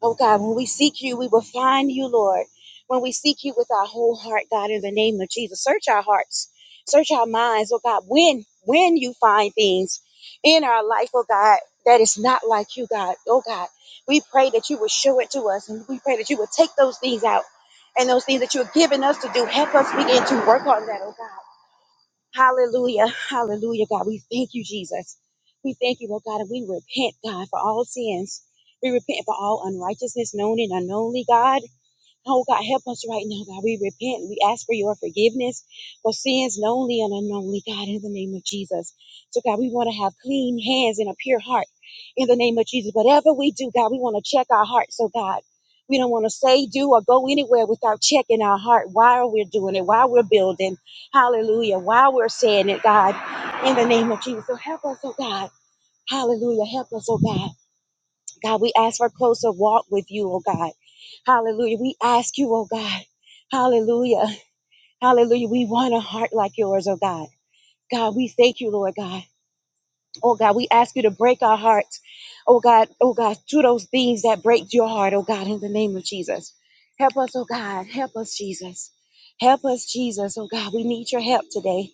Oh God, when we seek you, we will find you, Lord. When we seek you with our whole heart, God, in the name of Jesus, search our hearts, search our minds, oh God. When when you find things in our life, oh God, that is not like you, God, oh God, we pray that you would show it to us, and we pray that you would take those things out, and those things that you have given us to do, help us begin to work on that, oh God. Hallelujah. Hallelujah, God. We thank you, Jesus. We thank you, Lord God, and we repent, God, for all sins. We repent for all unrighteousness, known and unknownly, God. Oh God, help us right now, God. We repent. We ask for your forgiveness for sins knownly and unknownly, God, in the name of Jesus. So, God, we want to have clean hands and a pure heart in the name of Jesus. Whatever we do, God, we want to check our heart. So, God, we don't want to say, do, or go anywhere without checking our heart while we're doing it, while we're building. Hallelujah. While we're saying it, God, in the name of Jesus. So, help us, oh God. Hallelujah. Help us, oh God. God, we ask for a closer walk with you, oh God. Hallelujah. We ask you, oh God. Hallelujah. Hallelujah. We want a heart like yours, oh God. God, we thank you, Lord God. Oh God, we ask you to break our hearts. Oh God, oh God, to those things that break your heart, oh God, in the name of Jesus. Help us, oh God. Help us, Jesus. Help us, Jesus. Oh God, we need your help today.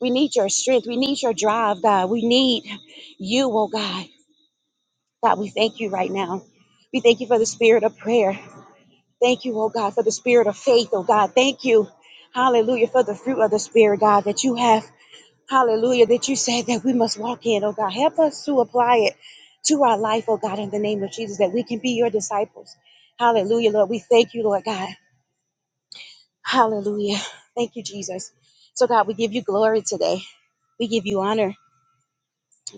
We need your strength. We need your drive, God. We need you, oh God. God, we thank you right now. We thank you for the spirit of prayer. Thank you, oh God, for the spirit of faith, oh God. Thank you, hallelujah, for the fruit of the spirit, God, that you have, hallelujah, that you said that we must walk in, oh God. Help us to apply it to our life, oh God, in the name of Jesus, that we can be your disciples. Hallelujah, Lord. We thank you, Lord God. Hallelujah. Thank you, Jesus. So, God, we give you glory today. We give you honor.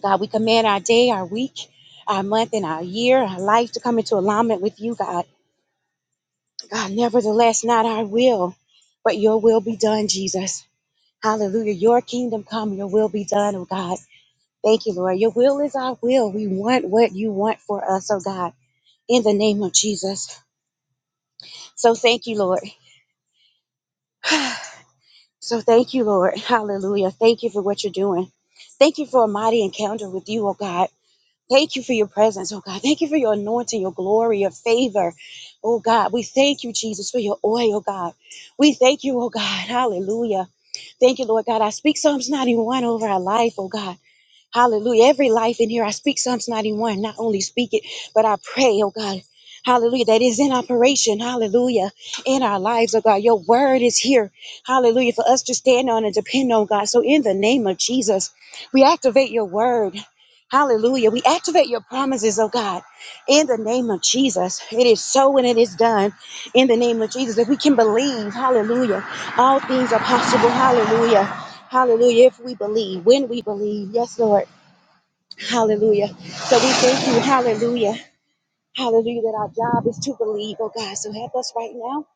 God, we command our day, our week, our month, and our year, our life to come into alignment with you, God. God, nevertheless, not our will, but your will be done, Jesus. Hallelujah. Your kingdom come, your will be done, oh God. Thank you, Lord. Your will is our will. We want what you want for us, oh God, in the name of Jesus. So thank you, Lord. So thank you, Lord. Hallelujah. Thank you for what you're doing. Thank you for a mighty encounter with you, oh God. Thank you for your presence, oh God. Thank you for your anointing, your glory, your favor. Oh God, we thank you, Jesus, for your oil, oh God. We thank you, oh God. Hallelujah. Thank you, Lord God. I speak Psalms 91 over our life, oh God. Hallelujah. Every life in here, I speak Psalms 91. Not only speak it, but I pray, oh God. Hallelujah. That is in operation. Hallelujah. In our lives, oh God. Your word is here. Hallelujah. For us to stand on and depend on God. So in the name of Jesus, we activate your word. Hallelujah. We activate your promises, oh God, in the name of Jesus. It is so and it is done in the name of Jesus. If we can believe, hallelujah, all things are possible. Hallelujah. Hallelujah. If we believe, when we believe, yes, Lord. Hallelujah. So we thank you, hallelujah. Hallelujah, that our job is to believe, oh God. So help us right now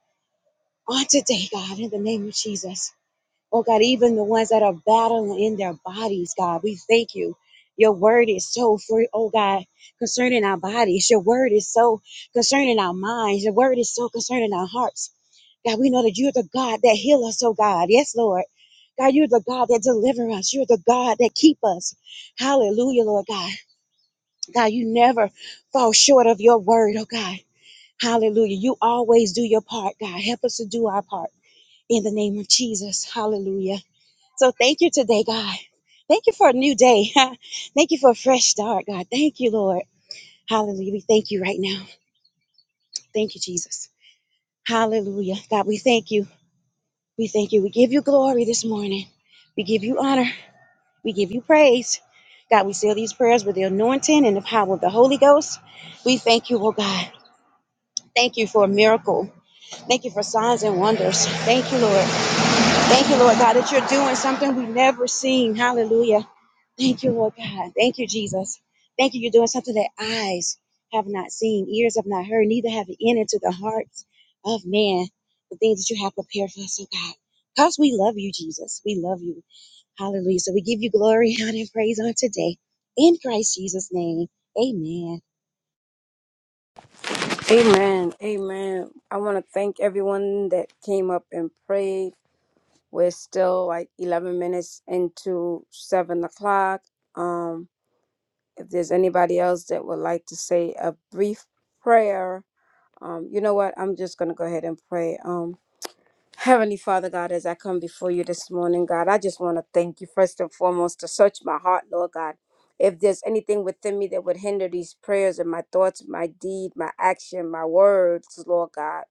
on today, God, in the name of Jesus. Oh God, even the ones that are battling in their bodies, God, we thank you. Your word is so free, oh God, concerning our bodies. Your word is so concerning our minds. Your word is so concerning our hearts. God, we know that you're the God that heal us, oh God. Yes, Lord. God, you're the God that deliver us. You're the God that keep us. Hallelujah, Lord God. God, you never fall short of your word, oh God. Hallelujah. You always do your part, God. Help us to do our part in the name of Jesus. Hallelujah. So thank you today, God. Thank you for a new day. thank you for a fresh start, God. Thank you, Lord. Hallelujah. We thank you right now. Thank you, Jesus. Hallelujah. God, we thank you. We thank you. We give you glory this morning. We give you honor. We give you praise. God, we seal these prayers with the anointing and the power of the Holy Ghost. We thank you, oh God. Thank you for a miracle. Thank you for signs and wonders. Thank you, Lord. Thank you, Lord God, that you're doing something we've never seen. Hallelujah. Thank you, Lord God. Thank you, Jesus. Thank you. You're doing something that eyes have not seen, ears have not heard, neither have it entered into the hearts of man. The things that you have prepared for us, oh God. Because we love you, Jesus. We love you. Hallelujah. So we give you glory, honor, and praise on today. In Christ Jesus' name. Amen. Amen. Amen. I want to thank everyone that came up and prayed. We're still like 11 minutes into 7 o'clock. Um, if there's anybody else that would like to say a brief prayer, um, you know what? I'm just going to go ahead and pray. Um, Heavenly Father God, as I come before you this morning, God, I just want to thank you first and foremost to search my heart, Lord God. If there's anything within me that would hinder these prayers and my thoughts, my deed, my action, my words, Lord God.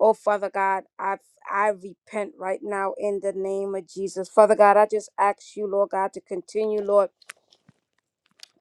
Oh, Father God, I I repent right now in the name of Jesus. Father God, I just ask you, Lord God, to continue, Lord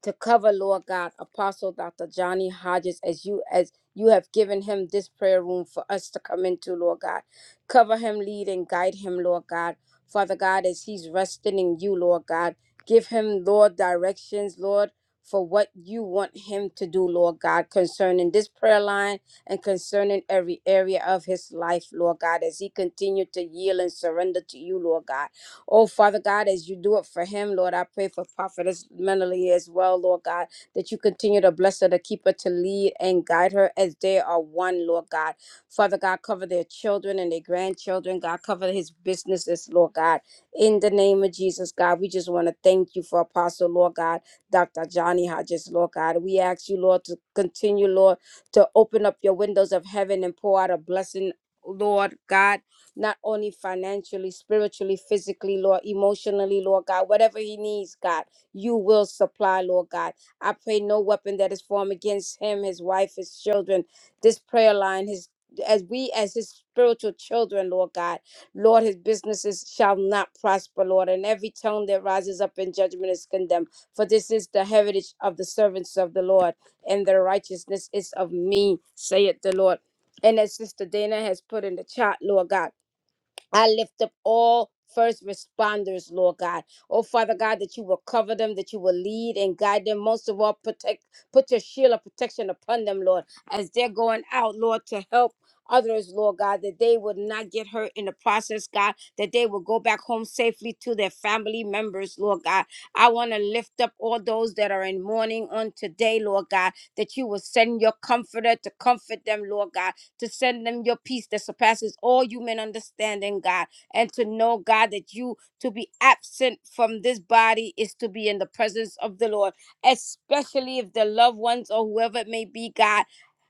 to cover, Lord God, Apostle Dr. Johnny Hodges, as you as you have given him this prayer room for us to come into, Lord God. Cover him, lead and guide him, Lord God. Father God, as he's resting in you, Lord God, give him, Lord, directions, Lord, for what you want him to do, Lord God, concerning this prayer line and concerning every area of his life, Lord God, as he continue to yield and surrender to you, Lord God. Oh, Father God, as you do it for him, Lord, I pray for Prophetess mentally as well, Lord God, that you continue to bless her, to keep her, to lead and guide her as they are one, Lord God. Father God, cover their children and their grandchildren. God, cover his businesses, Lord God. In the name of Jesus, God, we just want to thank you for Apostle, Lord God, Dr. Johnny Hodges, Lord God. We ask you, Lord, to continue, Lord, to open up your windows of heaven and pour out a blessing, Lord God not only financially, spiritually, physically, Lord, emotionally, Lord God, whatever he needs, God, you will supply, Lord God. I pray no weapon that is formed against him, his wife, his children, this prayer line, his as we as his spiritual children, Lord God, Lord, his businesses shall not prosper, Lord, and every tongue that rises up in judgment is condemned. For this is the heritage of the servants of the Lord, and their righteousness is of me, saith the Lord. And as Sister Dana has put in the chat, Lord God. I lift up all first responders, Lord God. Oh, Father God, that you will cover them, that you will lead and guide them. Most of all, protect, put your shield of protection upon them, Lord, as they're going out, Lord, to help. Others, Lord God, that they would not get hurt in the process, God, that they will go back home safely to their family members, Lord God. I want to lift up all those that are in mourning on today, Lord God, that you will send your comforter to comfort them, Lord God to send them your peace that surpasses all human understanding, God, and to know, God, that you to be absent from this body is to be in the presence of the Lord, especially if the loved ones or whoever it may be, God,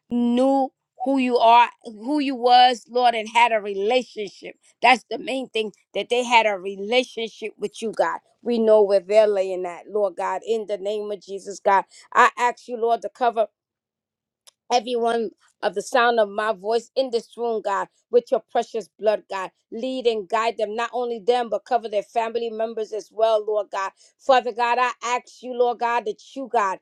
knew who you are, who you was, Lord, and had a relationship. That's the main thing, that they had a relationship with you, God. We know where they're laying at, Lord God, in the name of Jesus, God. I ask you, Lord, to cover everyone of the sound of my voice in this room, God, with your precious blood, God. Lead and guide them, not only them, but cover their family members as well, Lord God. Father God, I ask you, Lord God, that you, God,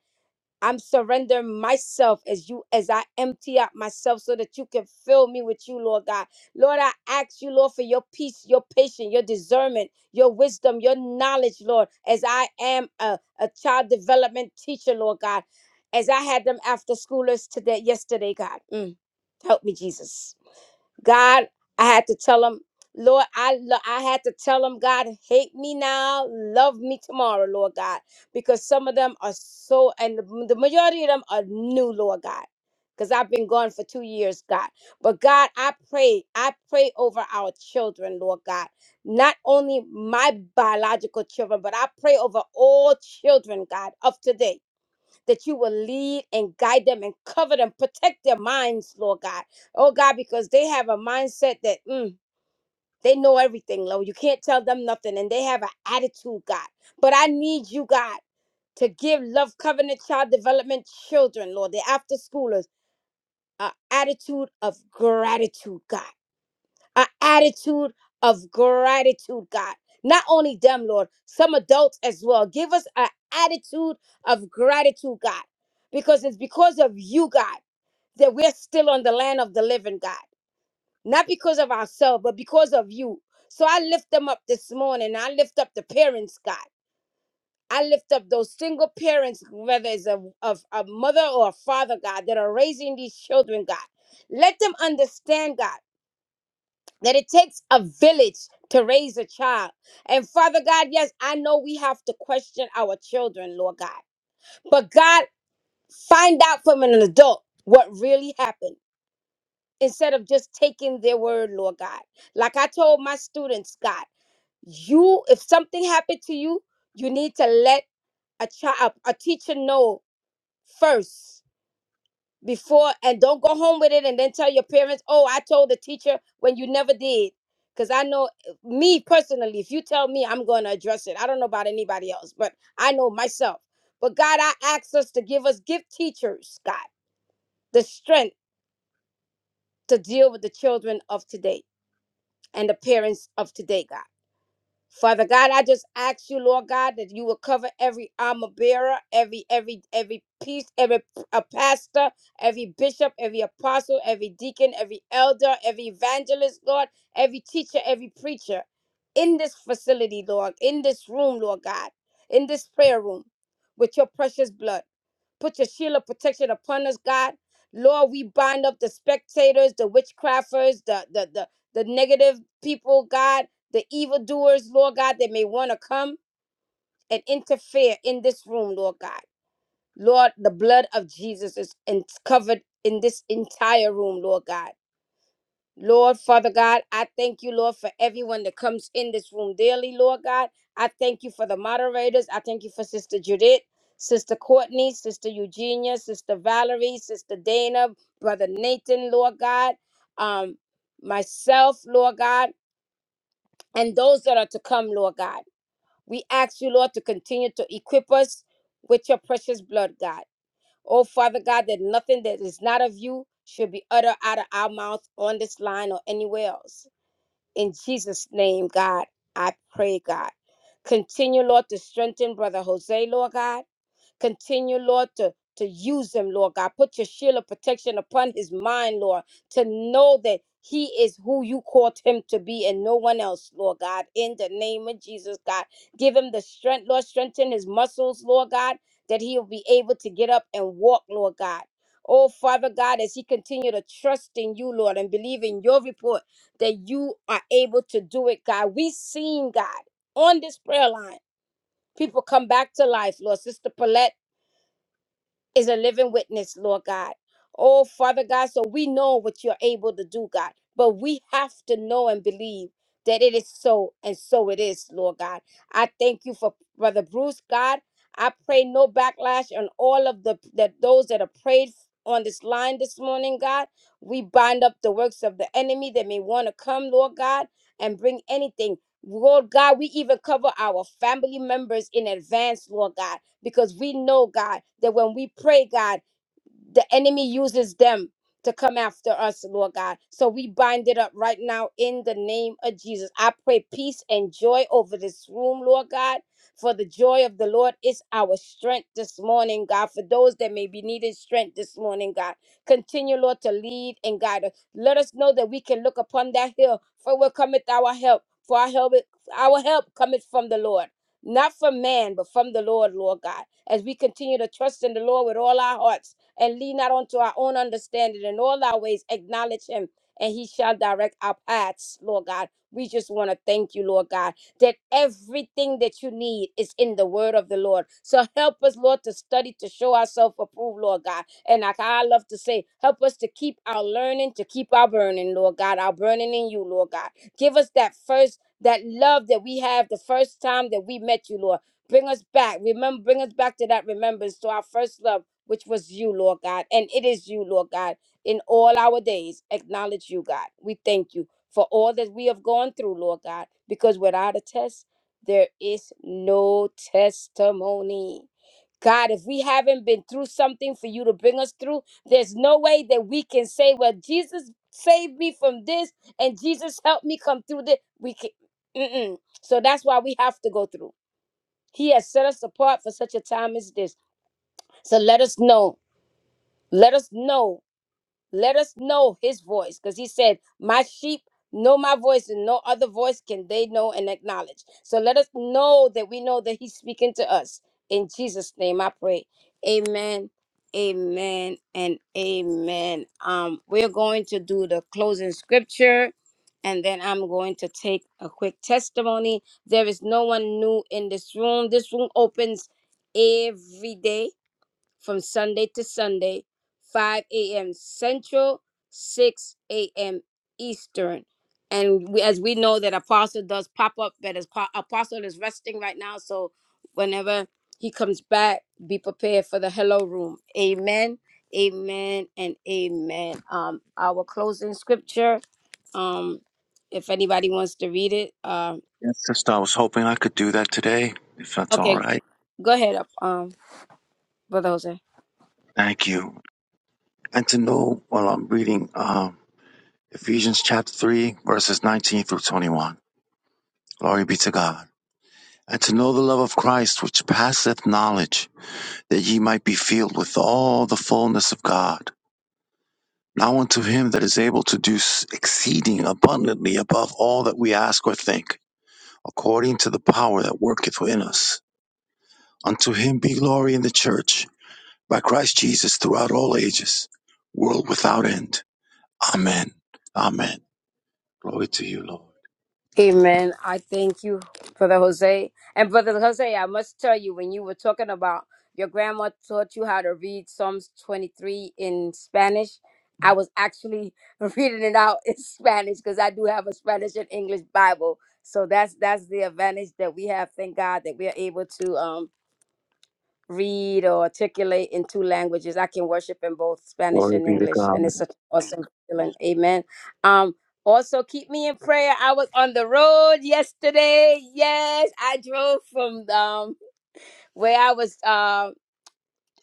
I'm surrendering myself as you as I empty out myself so that you can fill me with you, Lord God. Lord, I ask you, Lord, for your peace, your patience, your discernment, your wisdom, your knowledge, Lord, as I am a, a child development teacher, Lord God. As I had them after schoolers today, yesterday, God. Mm. Help me, Jesus. God, I had to tell him, Lord, I lo- I had to tell him, God, hate me now, love me tomorrow, Lord God, because some of them are so, and the, the majority of them are new, Lord God, because I've been gone for two years, God. But God, I pray, I pray over our children, Lord God, not only my biological children, but I pray over all children, God, of today that you will lead and guide them and cover them, protect their minds, Lord God. Oh God, because they have a mindset that mm, they know everything, Lord. You can't tell them nothing, and they have an attitude, God. But I need you, God, to give Love Covenant Child Development children, Lord, the after schoolers, an attitude of gratitude, God an attitude of gratitude, God. Not only them, Lord, some adults as well. Give us an attitude of gratitude, God, because it's because of you, God, that we're still on the land of the living, God. Not because of ourselves, but because of you. So I lift them up this morning. I lift up the parents, God. I lift up those single parents, whether it's a, of a mother or a father, God, that are raising these children, God. Let them understand, God that it takes a village to raise a child. And Father God, yes, I know we have to question our children, Lord God. But God, find out from an adult what really happened instead of just taking their word, Lord God. Like I told my students, God, you if something happened to you, you need to let a child a teacher know first before and don't go home with it and then tell your parents, oh, I told the teacher when you never did. Because I know uh, me personally, if you tell me, I'm going to address it. I don't know about anybody else, but I know myself. But God, I ask us to give us, give teachers, God, the strength to deal with the children of today and the parents of today, God. Father God, I just ask you, Lord God, that you will cover every armor bearer, every every every priest, every p- a pastor, every bishop, every apostle, every deacon, every elder, every evangelist, Lord, every teacher, every preacher in this facility, Lord, in this room, Lord God, in this prayer room, with your precious blood. Put your shield of protection upon us, God. Lord, we bind up the spectators, the witchcrafters, the the the, the negative people, God, the evildoers, Lord God, that may want to come and interfere in this room, Lord God. Lord, the blood of Jesus is in, covered in this entire room, Lord God. Lord, Father God, I thank you, Lord, for everyone that comes in this room daily, Lord God. I thank you for the moderators. I thank you for Sister Judith, Sister Courtney, Sister Eugenia, Sister Valerie, Sister Dana, Brother Nathan, Lord God, um, myself, Lord God, and those that are to come, Lord God. We ask you, Lord, to continue to equip us with your precious blood, God. Oh, Father God, that nothing that is not of you should be uttered out of our mouth on this line or anywhere else. In Jesus' name, God, I pray, God. Continue, Lord, to strengthen Brother Jose, Lord God. Continue, Lord, to, to use him, Lord God. Put your shield of protection upon his mind, Lord, to know that he is who you called him to be and no one else, Lord God. In the name of Jesus, God. Give him the strength, Lord. Strengthen his muscles, Lord God, that he'll be able to get up and walk, Lord God. Oh, Father God, as he continue to trust in you, Lord, and believe in your report that you are able to do it, God. we seen, God, on this prayer line, people come back to life, Lord. Sister Paulette is a living witness, Lord God. Oh, Father God, so we know what you're able to do, God, but we have to know and believe that it is so, and so it is, Lord God. I thank you for Brother Bruce, God. I pray no backlash on all of the that those that are prayed on this line this morning, God. We bind up the works of the enemy that may want to come, Lord God, and bring anything. Lord God, we even cover our family members in advance, Lord God because we know, God, that when we pray, God, the enemy uses them to come after us, Lord God. So we bind it up right now in the name of Jesus. I pray peace and joy over this room, Lord God. For the joy of the Lord is our strength this morning, God. For those that may be needing strength this morning, God, continue, Lord, to lead and guide us. Let us know that we can look upon that hill, for where cometh our help. For our help, our help cometh from the Lord, not from man, but from the Lord, Lord God. As we continue to trust in the Lord with all our hearts and lean not onto our own understanding. In all our ways, acknowledge him, and he shall direct our paths, Lord God. We just want to thank you, Lord God, that everything that you need is in the word of the Lord. So help us, Lord, to study, to show ourselves approved, Lord God. And like I love to say, help us to keep our learning, to keep our burning, Lord God, our burning in you, Lord God. Give us that first, that love that we have the first time that we met you, Lord. Bring us back. Remember, bring us back to that remembrance, to our first love which was you, Lord God. And it is you, Lord God. In all our days, acknowledge you, God. We thank you for all that we have gone through, Lord God, because without a test, there is no testimony. God, if we haven't been through something for you to bring us through, there's no way that we can say, well, Jesus saved me from this and Jesus helped me come through this. We can mm-mm. So that's why we have to go through. He has set us apart for such a time as this. So let us know let us know. Let us know his voice. Because he said, My sheep know my voice, and no other voice can they know and acknowledge. So let us know that we know that he's speaking to us. In Jesus' name I pray. Amen. Amen and amen. Um, we're going to do the closing scripture and then I'm going to take a quick testimony. There is no one new in this room. This room opens every day from Sunday to Sunday, 5 a.m. Central, 6 a.m. Eastern. And we, as we know that Apostle does pop up, but as po- Apostle is resting right now, so whenever he comes back, be prepared for the hello room. Amen, amen, and amen. Um, our closing scripture. Um, if anybody wants to read it, um, Yes, sister, I was hoping I could do that today, if that's all okay, right. go ahead, um, brother Jose. Thank you. And to know while I'm reading um, Ephesians chapter 3, verses 19 through 21. Glory be to God. and to know the love of Christ which passeth knowledge, that ye might be filled with all the fullness of God. Now unto him that is able to do exceeding abundantly above all that we ask or think, according to the power that worketh within us. Unto him be glory in the church by Christ Jesus throughout all ages, world without end. Amen. Amen. Glory to you, Lord. Amen. I thank you, Brother Jose. And Brother Jose, I must tell you, when you were talking about your grandma taught you how to read Psalms 23 in Spanish, I was actually reading it out in Spanish because I do have a Spanish and English Bible. So that's that's the advantage that we have. Thank God that we are able to. um read or articulate in two languages. I can worship in both Spanish Glory and be to English, God. and it's such an awesome feeling. Amen. Um, also keep me in prayer. I was on the road yesterday. Yes, I drove from um where I was um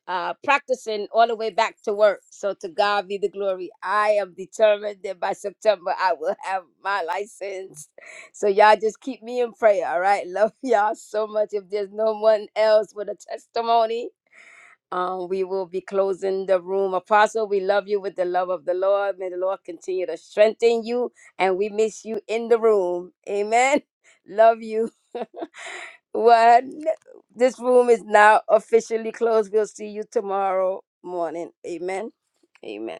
uh, practicing all the way back to work. So to God be the glory. I am determined that by September I will have my license. So y'all just keep me in prayer. All right, love y'all so much. If there's no one else with a testimony, um, we will be closing the room. Apostle, we love you with the love of the Lord. May the Lord continue to strengthen you, and we miss you in the room. Amen. Love you. One. This room is now officially closed. We'll see you tomorrow morning. Amen. Amen.